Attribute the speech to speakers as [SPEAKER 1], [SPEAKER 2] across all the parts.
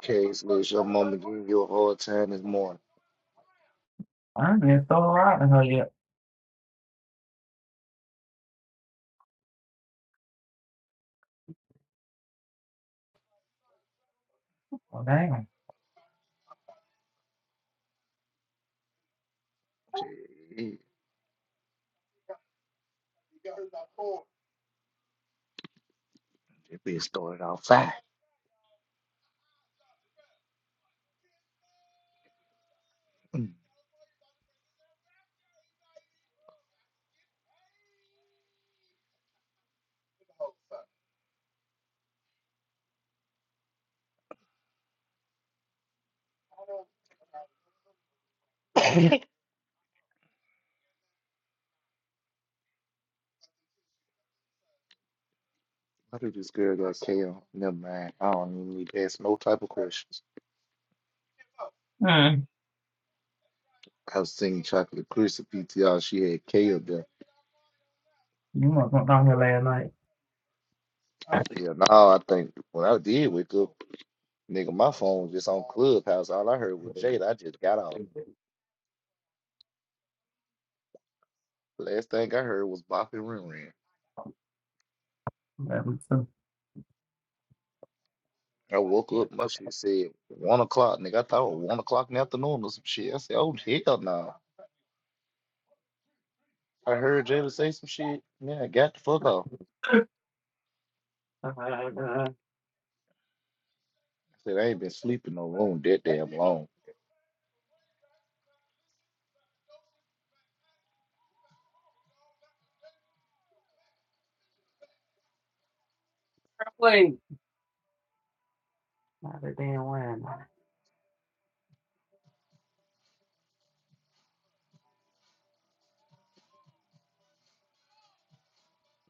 [SPEAKER 1] Case Lewis, your mama gave you a hard time this morning.
[SPEAKER 2] I did so right in her yet. Well, dang.
[SPEAKER 1] Gee, That bitch started out fine. Damn, I think this girl got KO. Never mind. I don't even need to ask no type of questions.
[SPEAKER 2] Mm.
[SPEAKER 1] I was singing Chocolate Crisp PTR. She had K up there.
[SPEAKER 2] You must went down here last night.
[SPEAKER 1] Yeah, now I think when I did wake up, nigga, my phone was just on Clubhouse. All I heard was Jade. I just got off. Last thing I heard was Bop and Rin Rin.
[SPEAKER 2] That was too.
[SPEAKER 1] I woke up, my shit said one o'clock, nigga. I thought it was one o'clock in the afternoon or some shit. I said, oh, hell no. I heard Jada say some shit. Man, I got the fuck off.
[SPEAKER 2] Uh,
[SPEAKER 1] I said I ain't been sleeping no room that damn long.
[SPEAKER 2] Wait. Not a damn one.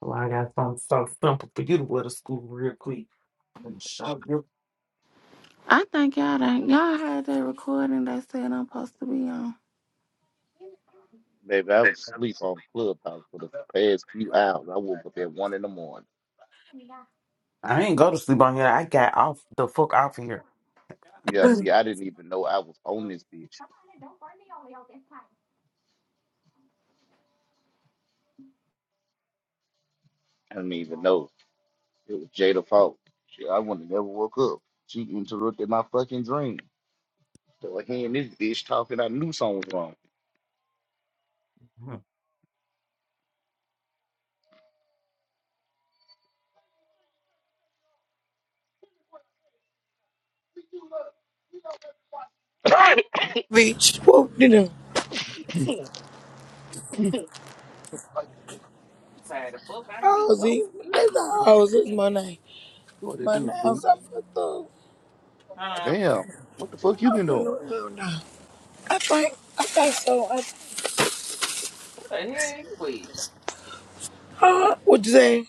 [SPEAKER 2] Well, I got something so simple for you to wear to school real quick. And shove your-
[SPEAKER 3] I think y'all done, y'all had that recording they said I'm supposed to be on.
[SPEAKER 1] Baby, I was asleep on Clubhouse for the past few hours. I woke up at one in the morning.
[SPEAKER 2] I ain't go to sleep on here. I got off the fuck off of here.
[SPEAKER 1] Yeah,
[SPEAKER 3] Mm.
[SPEAKER 1] see, I didn't even know I was on this bitch. I didn't even know it was Jada's fault. Shit, I wouldn't have never woke up. She interrupted my fucking dream. So I hearing this bitch talking, I knew something was wrong.
[SPEAKER 2] i I'm
[SPEAKER 4] Bitch, whoop did him.
[SPEAKER 1] Like,
[SPEAKER 2] tired of fuck. I ain't even go to
[SPEAKER 4] Halsey,
[SPEAKER 2] sleep
[SPEAKER 4] that's
[SPEAKER 2] late.
[SPEAKER 4] the
[SPEAKER 1] what
[SPEAKER 2] God
[SPEAKER 4] house, it's
[SPEAKER 2] damn.
[SPEAKER 4] my name.
[SPEAKER 1] what to
[SPEAKER 4] My name,
[SPEAKER 1] do,
[SPEAKER 4] I'm
[SPEAKER 1] fool?
[SPEAKER 4] so fucked up.
[SPEAKER 2] Uh,
[SPEAKER 1] Damn, what the fuck you
[SPEAKER 4] I'm
[SPEAKER 1] been
[SPEAKER 4] from
[SPEAKER 1] doing?
[SPEAKER 4] New York now. I think, I think so. I,
[SPEAKER 2] what the hell you with?
[SPEAKER 4] huh? What you say?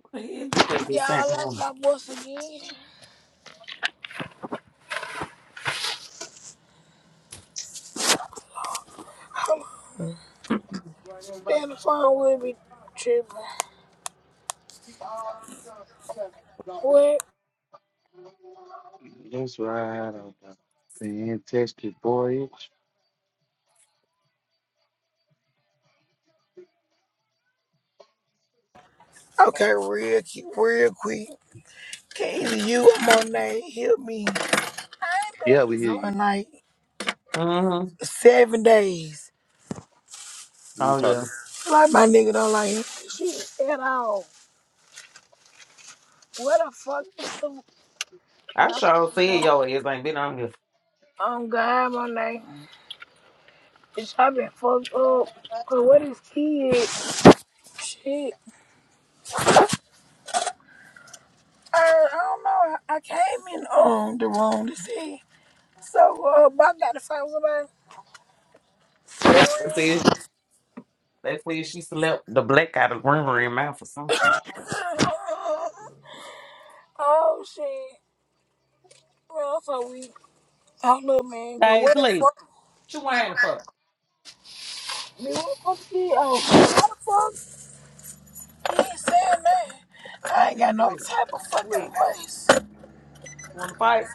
[SPEAKER 2] What the hell you with
[SPEAKER 4] Yeah,
[SPEAKER 2] this
[SPEAKER 4] I
[SPEAKER 2] time?
[SPEAKER 4] lost
[SPEAKER 2] home?
[SPEAKER 4] my voice again. Stay on the phone with me, tripping. What?
[SPEAKER 1] That's right, I don't know. Fantastic voyage.
[SPEAKER 4] Okay, real quick, real quick. Can either you or my name help me? I ain't been
[SPEAKER 1] Yeah,
[SPEAKER 4] on
[SPEAKER 1] we
[SPEAKER 4] this
[SPEAKER 1] hear
[SPEAKER 4] hoe
[SPEAKER 1] you.
[SPEAKER 4] in like
[SPEAKER 2] Mm-hmm.
[SPEAKER 4] seven days.
[SPEAKER 1] You
[SPEAKER 2] Oh yeah.
[SPEAKER 1] talking?
[SPEAKER 4] Like my nigga don't like shit at all. What the fuck is the?
[SPEAKER 2] I sure said
[SPEAKER 4] Yeah.
[SPEAKER 2] your ass ain't been on here.
[SPEAKER 4] Oh God, my name. Bitch, I been fucked up. Cause what is kids? Shit. Uh, I don't know. I came in um the wrong to see. So uh, but I gotta find somebody.
[SPEAKER 2] They said, they said she slept the black out of river in mouth or some shit.
[SPEAKER 4] oh shit. Well, I'm so weak. Oh look, man. Cause
[SPEAKER 2] Hey,
[SPEAKER 4] what the
[SPEAKER 2] sleep.
[SPEAKER 4] fuck?
[SPEAKER 2] She wearing the fuck.
[SPEAKER 4] Man, what the fuck did? Oh, how the fuck? He ain't saying nothing. I ain't got no
[SPEAKER 2] Wait,
[SPEAKER 4] type of fucking
[SPEAKER 2] wait.
[SPEAKER 4] voice.
[SPEAKER 2] Wanna fight?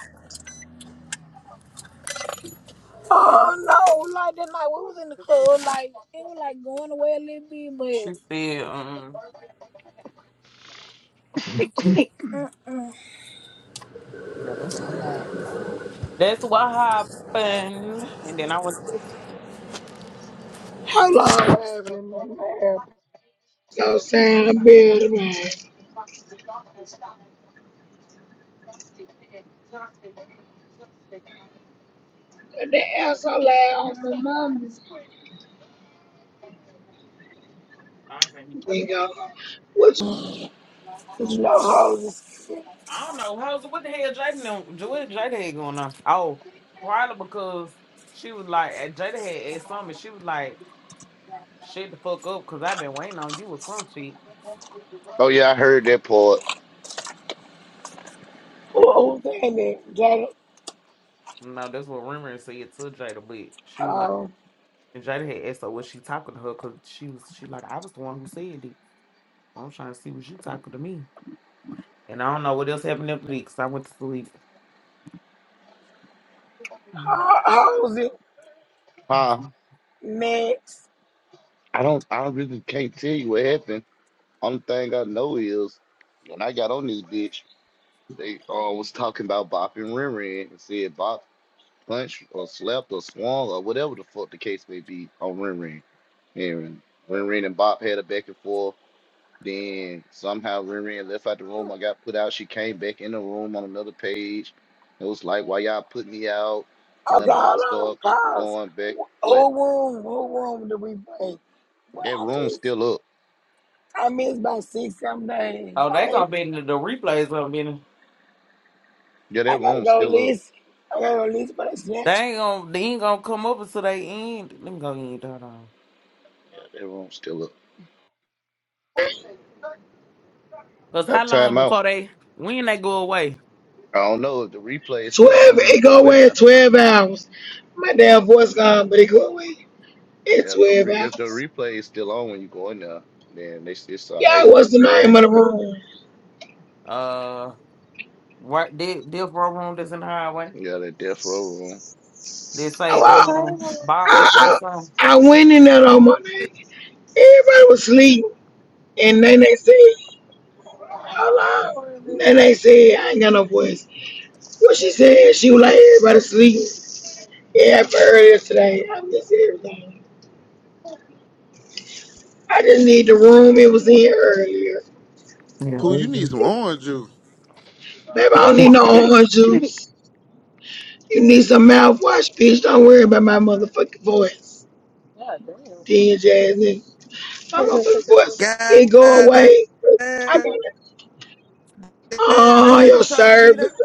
[SPEAKER 4] Oh no, like that night we was in the club, like it was like going away a little bit,
[SPEAKER 2] She
[SPEAKER 4] but.
[SPEAKER 2] said, um, yeah, that's what happened. That's what happened. And then I went to
[SPEAKER 4] How long having him in there? So saying a bit, man. And the ass so loud on my mama.
[SPEAKER 2] I can't even-
[SPEAKER 4] Bingo. Which, which you know, hoes is,
[SPEAKER 2] I don't know. How's what the hell Jada know Jada, Jada had going on? Oh, probably because she was like eh, Jada had asked something. She was like, "Shut the fuck up," because I've been waiting on you or some shit.
[SPEAKER 1] Oh yeah, I heard that part.
[SPEAKER 4] who, who's in it? Jada,
[SPEAKER 2] No, that's what rumors said to Jada, but she was like,
[SPEAKER 4] um,
[SPEAKER 2] and Jada had asked her was she talking to her because she was she like I was the one who said it. I'm trying to see was you talking to me, and I don't know what else happened after that because I went to sleep.
[SPEAKER 4] ho- hoes it,
[SPEAKER 1] Huh?
[SPEAKER 4] next.
[SPEAKER 1] I don't. I really can't tell you what happened. Only thing I know is when I got on this bitch, they uh, was talking about Bop and Ren Ren and said Bop punched or slapped or swung or whatever the fuck the case may be on Ren Ren. And Ren Ren and Bop had a back and forth. Then somehow Riri left out the room. I got put out. She came back in the room on another page. It was like, why y'all put me out? Her
[SPEAKER 4] Okay,
[SPEAKER 1] and Box
[SPEAKER 4] hold on,
[SPEAKER 1] started
[SPEAKER 4] pause.
[SPEAKER 1] going back. But
[SPEAKER 4] Who room, who room do we play? Well,
[SPEAKER 1] that
[SPEAKER 4] I
[SPEAKER 1] room's
[SPEAKER 4] miss,
[SPEAKER 1] still up.
[SPEAKER 4] I miss about six, some days.
[SPEAKER 2] Oh, they
[SPEAKER 4] I, ain't-
[SPEAKER 2] gonna be in the, the replays gonna be in. the-
[SPEAKER 1] Yeah, that
[SPEAKER 4] I gotta
[SPEAKER 1] room's
[SPEAKER 4] go
[SPEAKER 1] still up.
[SPEAKER 4] listen. I gotta go listen for the snatch.
[SPEAKER 2] They ain't gonna they ain't gonna come up until they end. Let me go end. Hold on.
[SPEAKER 1] Yeah, that room's still up.
[SPEAKER 2] Cause how
[SPEAKER 1] That
[SPEAKER 2] long
[SPEAKER 1] time out.
[SPEAKER 2] before they when they go away?
[SPEAKER 1] I don't know if the replay is
[SPEAKER 4] 12,
[SPEAKER 1] still on when you
[SPEAKER 4] it go
[SPEAKER 1] go in
[SPEAKER 4] away in
[SPEAKER 1] there.
[SPEAKER 4] 12 hours. My damn voice gone, but it go away in
[SPEAKER 1] Yeah, if the
[SPEAKER 4] 12
[SPEAKER 1] re- if the
[SPEAKER 4] hours.
[SPEAKER 1] replay is still on when you go in there, then they s- it's all
[SPEAKER 4] Yeah,
[SPEAKER 1] right. But
[SPEAKER 4] what's
[SPEAKER 1] if
[SPEAKER 4] the
[SPEAKER 1] they
[SPEAKER 4] name
[SPEAKER 1] ain't,
[SPEAKER 4] of the room?
[SPEAKER 2] Uh, right. This this row room that's in the highway.
[SPEAKER 1] yeah, that death row room.
[SPEAKER 2] They say
[SPEAKER 4] Oh,
[SPEAKER 5] I ain't
[SPEAKER 2] um
[SPEAKER 5] gonna lie,
[SPEAKER 4] I,
[SPEAKER 2] Bob. They say
[SPEAKER 4] I,
[SPEAKER 2] something.
[SPEAKER 4] I, I went in there on my name. Everybody was asleep, and then they said, hold
[SPEAKER 5] good
[SPEAKER 4] on.
[SPEAKER 5] morning.
[SPEAKER 4] Then they said, I ain't got no voice. What she said, she was like, everybody asleep. Yeah, I heard today. I miss everything. I just need the
[SPEAKER 5] Oh,
[SPEAKER 4] room it
[SPEAKER 5] good
[SPEAKER 4] was in earlier.
[SPEAKER 2] Yeah,
[SPEAKER 6] Pooh, you need
[SPEAKER 2] baby.
[SPEAKER 6] some
[SPEAKER 4] Baby,
[SPEAKER 6] orange juice.
[SPEAKER 4] I don't need no orange juice. You need some mouthwash, bitch. Don't worry about my motherfucking voice.
[SPEAKER 5] God damn.
[SPEAKER 4] Then jazz nigga. My motherfucking voice.
[SPEAKER 6] God
[SPEAKER 4] It go
[SPEAKER 6] damn,
[SPEAKER 4] away.
[SPEAKER 6] damn,
[SPEAKER 4] I got it.
[SPEAKER 6] that
[SPEAKER 4] Oh,
[SPEAKER 6] how you
[SPEAKER 4] your
[SPEAKER 6] talk to me now?
[SPEAKER 4] service.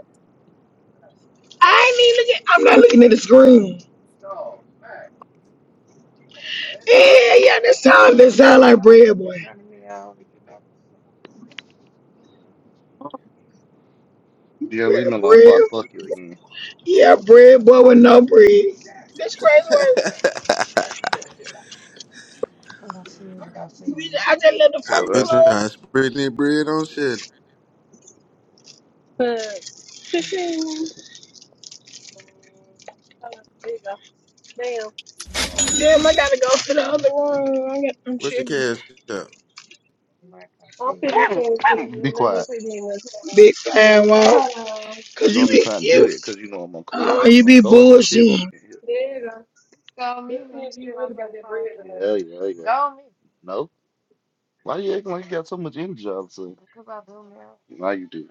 [SPEAKER 4] I ain't even looking. I'm not looking at the screen. Yeah, yeah, that sound that sound like bread boy.
[SPEAKER 1] Yeah,
[SPEAKER 4] Bread,
[SPEAKER 1] leave me alone
[SPEAKER 4] bread.
[SPEAKER 1] before I fuck you again.
[SPEAKER 4] Yeah, bread boy with no bread. That's crazy work. Bitch, I just left
[SPEAKER 1] I
[SPEAKER 4] the
[SPEAKER 1] said
[SPEAKER 6] I've
[SPEAKER 4] fucking
[SPEAKER 1] what I
[SPEAKER 6] been trying
[SPEAKER 1] said.
[SPEAKER 4] club.
[SPEAKER 6] to spread that bread on shit.
[SPEAKER 5] Fifteen. Oh, there you go. Damn.
[SPEAKER 4] Damn, I gotta go to the other room. I got I'm
[SPEAKER 6] What's your
[SPEAKER 4] tripping.
[SPEAKER 6] cash up?
[SPEAKER 5] I'll send this thing to you
[SPEAKER 1] Be
[SPEAKER 5] and then
[SPEAKER 1] quiet.
[SPEAKER 5] we'll see you in the chat.
[SPEAKER 4] Big fan wall.
[SPEAKER 5] Hello.
[SPEAKER 4] Cause
[SPEAKER 1] You know
[SPEAKER 4] you
[SPEAKER 1] I'm
[SPEAKER 4] be
[SPEAKER 1] trying to do
[SPEAKER 4] cute.
[SPEAKER 1] that because you know I'm on
[SPEAKER 4] Oh,
[SPEAKER 1] Clubhouse.
[SPEAKER 4] you
[SPEAKER 1] Don't
[SPEAKER 4] be
[SPEAKER 1] start no shit with me
[SPEAKER 4] bullshitting.
[SPEAKER 1] in here.
[SPEAKER 5] There you go. Let's see if you really got that bread in
[SPEAKER 1] Yeah, yeah, Go yeah. Go No, why you acting like you got so much energy all of a sudden? Now you do.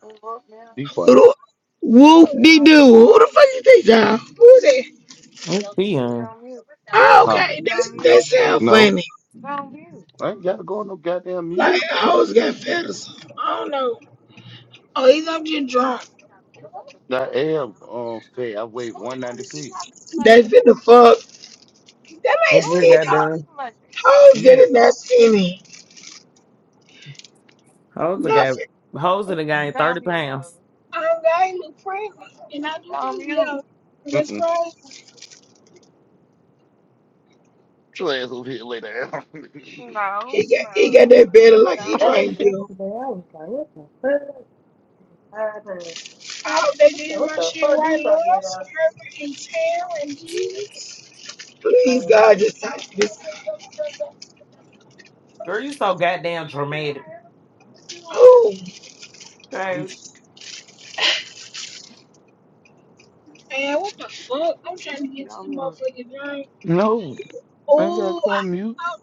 [SPEAKER 1] Be quiet.
[SPEAKER 4] Who whoop de do? Who the fuck you think y'all? Who's that?
[SPEAKER 2] Let's see.
[SPEAKER 4] Oh,
[SPEAKER 1] Huh?
[SPEAKER 4] okay. That's that sound
[SPEAKER 1] No,
[SPEAKER 4] funny.
[SPEAKER 1] I ain't gotta go on no goddamn mute.
[SPEAKER 4] Like hoes always got fed or something. I don't know. Oh, he's up just drunk.
[SPEAKER 1] I am um fat. I weigh 196.
[SPEAKER 4] They finna fuck. That
[SPEAKER 2] Look
[SPEAKER 4] ain't
[SPEAKER 2] What we
[SPEAKER 4] seen
[SPEAKER 2] got
[SPEAKER 4] her.
[SPEAKER 2] done?
[SPEAKER 4] Hoes that
[SPEAKER 1] You.
[SPEAKER 4] is not seen it.
[SPEAKER 2] Hoes done got
[SPEAKER 4] Nothing.
[SPEAKER 2] hoes in the game thirty pounds.
[SPEAKER 4] I'm I look pregnant. And I do too, yeah. That's
[SPEAKER 1] Mm-mm.
[SPEAKER 4] right.
[SPEAKER 1] Your ass over here later.
[SPEAKER 4] He got he
[SPEAKER 1] I
[SPEAKER 4] got that
[SPEAKER 1] think-
[SPEAKER 4] better like he drank
[SPEAKER 5] there.
[SPEAKER 4] beer.
[SPEAKER 5] Yesterday, I was like, what the fuck? I had to-
[SPEAKER 4] I hope they
[SPEAKER 5] What the
[SPEAKER 4] did
[SPEAKER 5] what
[SPEAKER 4] my
[SPEAKER 5] the
[SPEAKER 4] shit
[SPEAKER 5] fuck? These
[SPEAKER 4] right, Lord.
[SPEAKER 5] fucking
[SPEAKER 4] I'm swerving and tearing, Jesus. Please, God,
[SPEAKER 5] guys.
[SPEAKER 4] just touch this.
[SPEAKER 2] Girl, you so goddamn dramatic.
[SPEAKER 4] Oh.
[SPEAKER 1] do
[SPEAKER 2] Guys,
[SPEAKER 1] that.
[SPEAKER 4] Man, what the fuck? I'm trying to get to the motherfucking line.
[SPEAKER 1] no. I ain't gotta
[SPEAKER 4] Oh,
[SPEAKER 1] call mute.
[SPEAKER 4] I,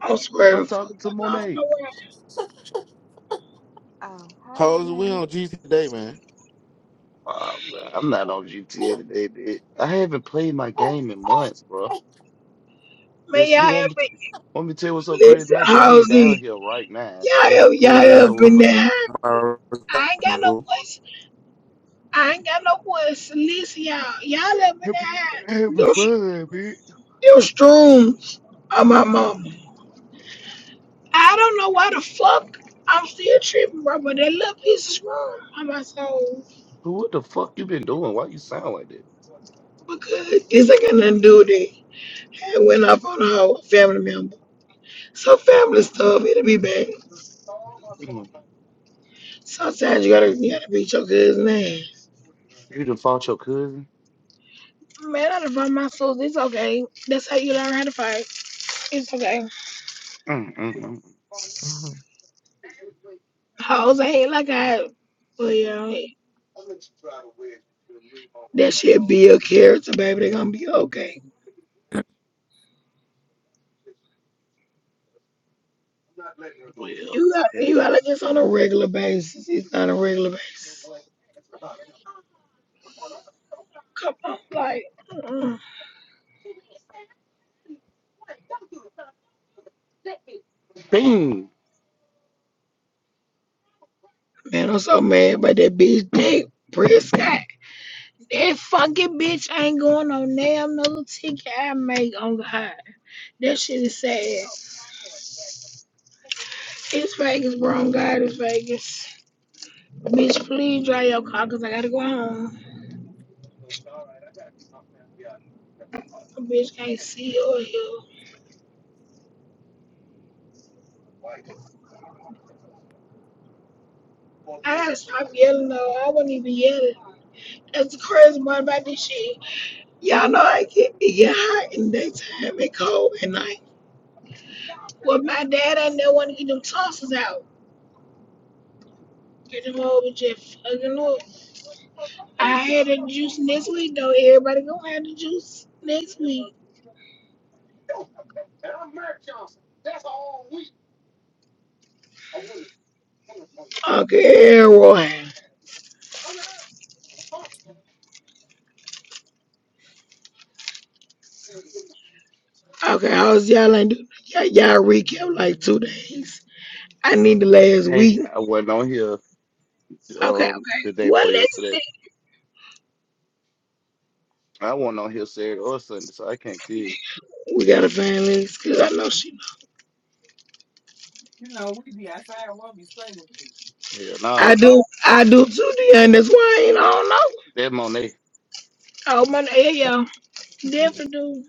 [SPEAKER 4] I- am
[SPEAKER 1] I'm
[SPEAKER 4] swearing, fuck.
[SPEAKER 1] talking to
[SPEAKER 4] I don't
[SPEAKER 1] Monet.
[SPEAKER 4] know where.
[SPEAKER 6] Hoes, we on G today, man.
[SPEAKER 1] Uh, I'm not on GTA today, bitch. I haven't played my game in months, bro.
[SPEAKER 4] Man,
[SPEAKER 1] This
[SPEAKER 4] y'all
[SPEAKER 1] you
[SPEAKER 4] ever
[SPEAKER 1] want me to,
[SPEAKER 4] been.
[SPEAKER 1] want me to tell you what's so crazy?
[SPEAKER 4] Listen,
[SPEAKER 1] My game down
[SPEAKER 4] Halsey.
[SPEAKER 1] here right now
[SPEAKER 4] Y'all
[SPEAKER 1] ain't
[SPEAKER 4] ever y'all
[SPEAKER 1] plugged that
[SPEAKER 6] Yeah, I
[SPEAKER 4] ever
[SPEAKER 1] hoe up
[SPEAKER 4] been
[SPEAKER 6] come
[SPEAKER 1] or
[SPEAKER 4] there.
[SPEAKER 1] nothing.
[SPEAKER 4] high.
[SPEAKER 6] out.
[SPEAKER 4] I ain't got no voice. I ain't got no voice. Listen, y'all. Y'all ever been
[SPEAKER 1] I
[SPEAKER 4] there.
[SPEAKER 1] be
[SPEAKER 4] high.
[SPEAKER 1] having
[SPEAKER 4] Those,
[SPEAKER 1] fun, bitch.
[SPEAKER 4] those drooms are my mama. I don't know why the fuck I'm still tripping, bro, but that little piece is wrong on my soul.
[SPEAKER 1] But what the fuck you been doing? Why you sound like that?
[SPEAKER 4] Because this ain't got nothing to do with it. I went off on a whole family member. Some family stuff, it'll be bad.
[SPEAKER 1] Mm.
[SPEAKER 4] Sometimes you gotta you gotta beat your good man.
[SPEAKER 1] You done fought your cousin?
[SPEAKER 4] Man, I done fought my sisters. It's okay. That's how you learn how to fight. It's okay.
[SPEAKER 1] Mm, mm, mm.
[SPEAKER 2] you
[SPEAKER 4] Hoes I hate like I but yeah, that shit be your character, baby. They gonna be okay.
[SPEAKER 1] Well,
[SPEAKER 4] You got you gotta just on a regular basis. It's not a regular basis. Come on, like mm.
[SPEAKER 1] dang.
[SPEAKER 4] man, I'm so mad about that bitch dick Prescott. That fucking bitch ain't going on damn no ticket I make on God. That shit is sad. It's Vegas, bro. I'm glad it's Vegas. Bitch, please drive your car because I gotta go home. A bitch can't see or hear. I gotta stop yelling though. I wouldn't even yell. That's the crazy part about this shit. Y'all know I get it get hot in the daytime and cold at night. Well, my dad I never want to get them tonsils out. Get them over just fucking up. I had a juice next week though. Everybody gonna have the juice next week. Okay, everyone. Okay, I was y'all ain't do y'all, y'all recap like two days. I need the last
[SPEAKER 1] Hey,
[SPEAKER 4] week.
[SPEAKER 1] I wasn't on here
[SPEAKER 4] Okay,
[SPEAKER 1] um
[SPEAKER 4] okay.
[SPEAKER 1] the day
[SPEAKER 4] What
[SPEAKER 1] before
[SPEAKER 4] next
[SPEAKER 1] yesterday.
[SPEAKER 4] thing?
[SPEAKER 1] I wasn't on here Saturday or Sunday, so I can't tell you.
[SPEAKER 4] We gotta find Lex because I know she.
[SPEAKER 2] know we be outside. We'll be stunning.
[SPEAKER 1] Hell
[SPEAKER 4] I
[SPEAKER 1] no,
[SPEAKER 4] do, I do too, and that's why I ain't on no.
[SPEAKER 1] that Monet.
[SPEAKER 4] Oh my, yeah, y'all definitely do.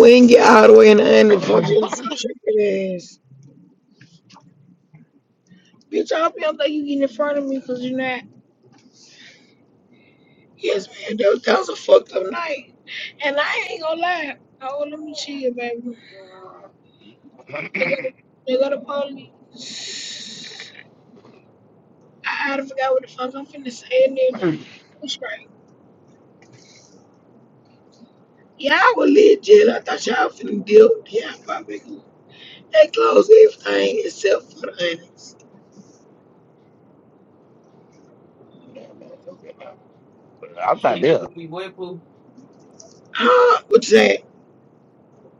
[SPEAKER 4] We ain't get all the way in the end of the fuck you, fuck your ass, bitch. I hope you don't think you getting in front of me because you're not. Yes, man, that, that was a fucked up night, and I ain't gonna lie. Oh, let me chill, baby. They got, they got a police. I done forgot what the fuck I'm finna say and everything. It's right. Y'all were legit. I thought y'all finna deal with the hot topic. They closed everything except for the onions.
[SPEAKER 1] No, no, don't get I'm
[SPEAKER 2] See,
[SPEAKER 1] not
[SPEAKER 2] we
[SPEAKER 1] there.
[SPEAKER 2] be wet boo.
[SPEAKER 4] Huh? What you saying?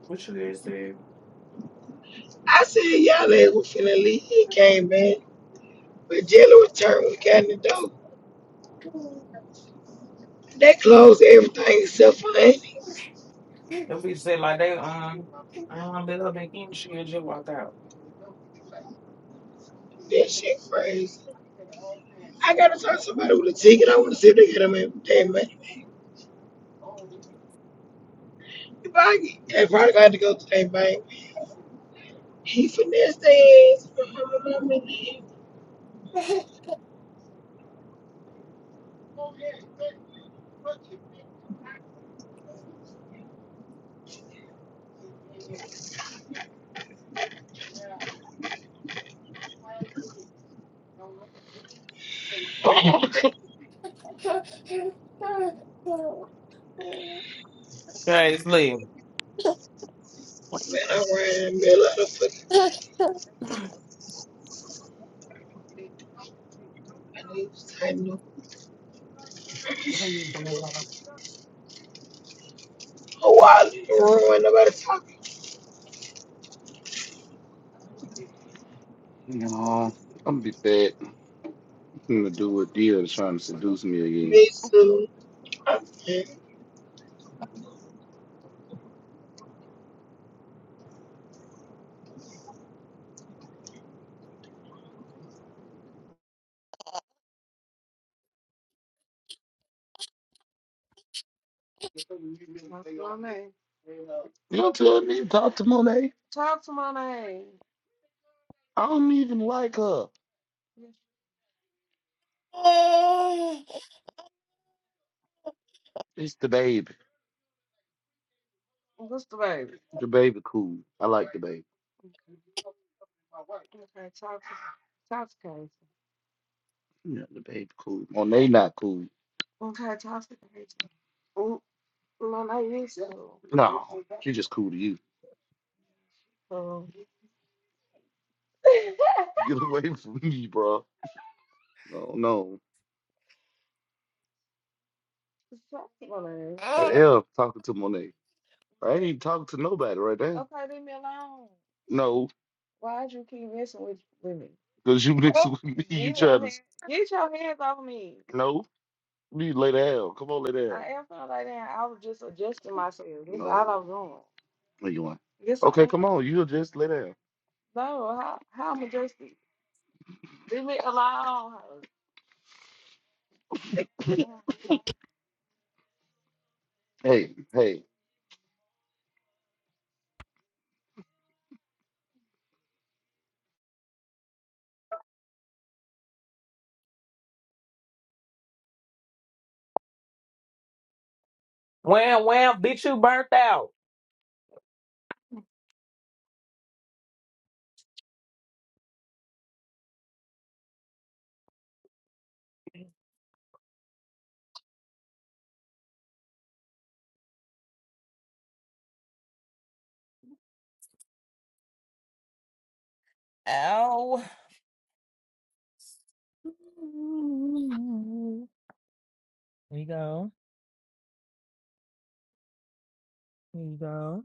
[SPEAKER 2] What you guys said?
[SPEAKER 4] I said y'all ass was finna leave. He came back. But Jelly returned when we got in the door. They closed everything except for onions.
[SPEAKER 2] If we said like they um, um, they up and in she just walked out.
[SPEAKER 4] That shit crazy. I gotta talk to somebody with a ticket. I wanna see if they got them in their money. If I get, they probably got to go to their bank. He finessed their ass.
[SPEAKER 2] Guys, leave.
[SPEAKER 4] Man, I ran in a middle of fucking. I need to tighten up. Oh, I need to run. Nobody talking
[SPEAKER 1] No, I'm gonna be bad. I'm gonna do what deal is trying to seduce me
[SPEAKER 4] to
[SPEAKER 1] again.
[SPEAKER 4] me soon.
[SPEAKER 1] You don't tell me to talk to Monet. I don't even like her. It's the baby. The baby cool. I like the baby. Yeah, the baby cool. Monet not cool. No, she just cool to you. Get away from me, bro. No, no. Hell, talking to Monet. I ain't talking to nobody right now. No, because you mixing with me, you trying to. No, you lay down. Come on, lay down. No, what you want? Okay, come on. you just lay down. Hey, hey.
[SPEAKER 2] Wham, wham, bitch, you burnt out. Ow. Here you go. Here you go.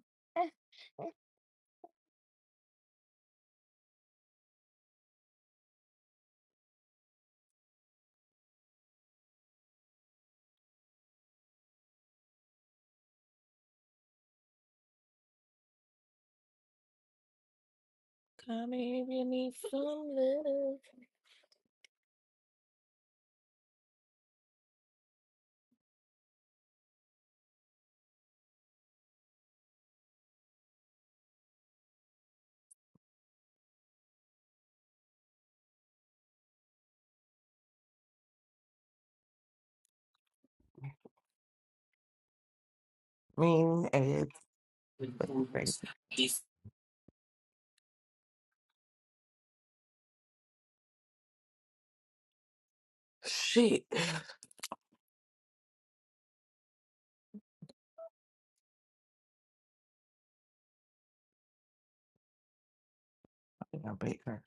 [SPEAKER 2] Come here if you need some love. I mean, it's
[SPEAKER 7] improved
[SPEAKER 2] crazy. Shit. I think I'll break her.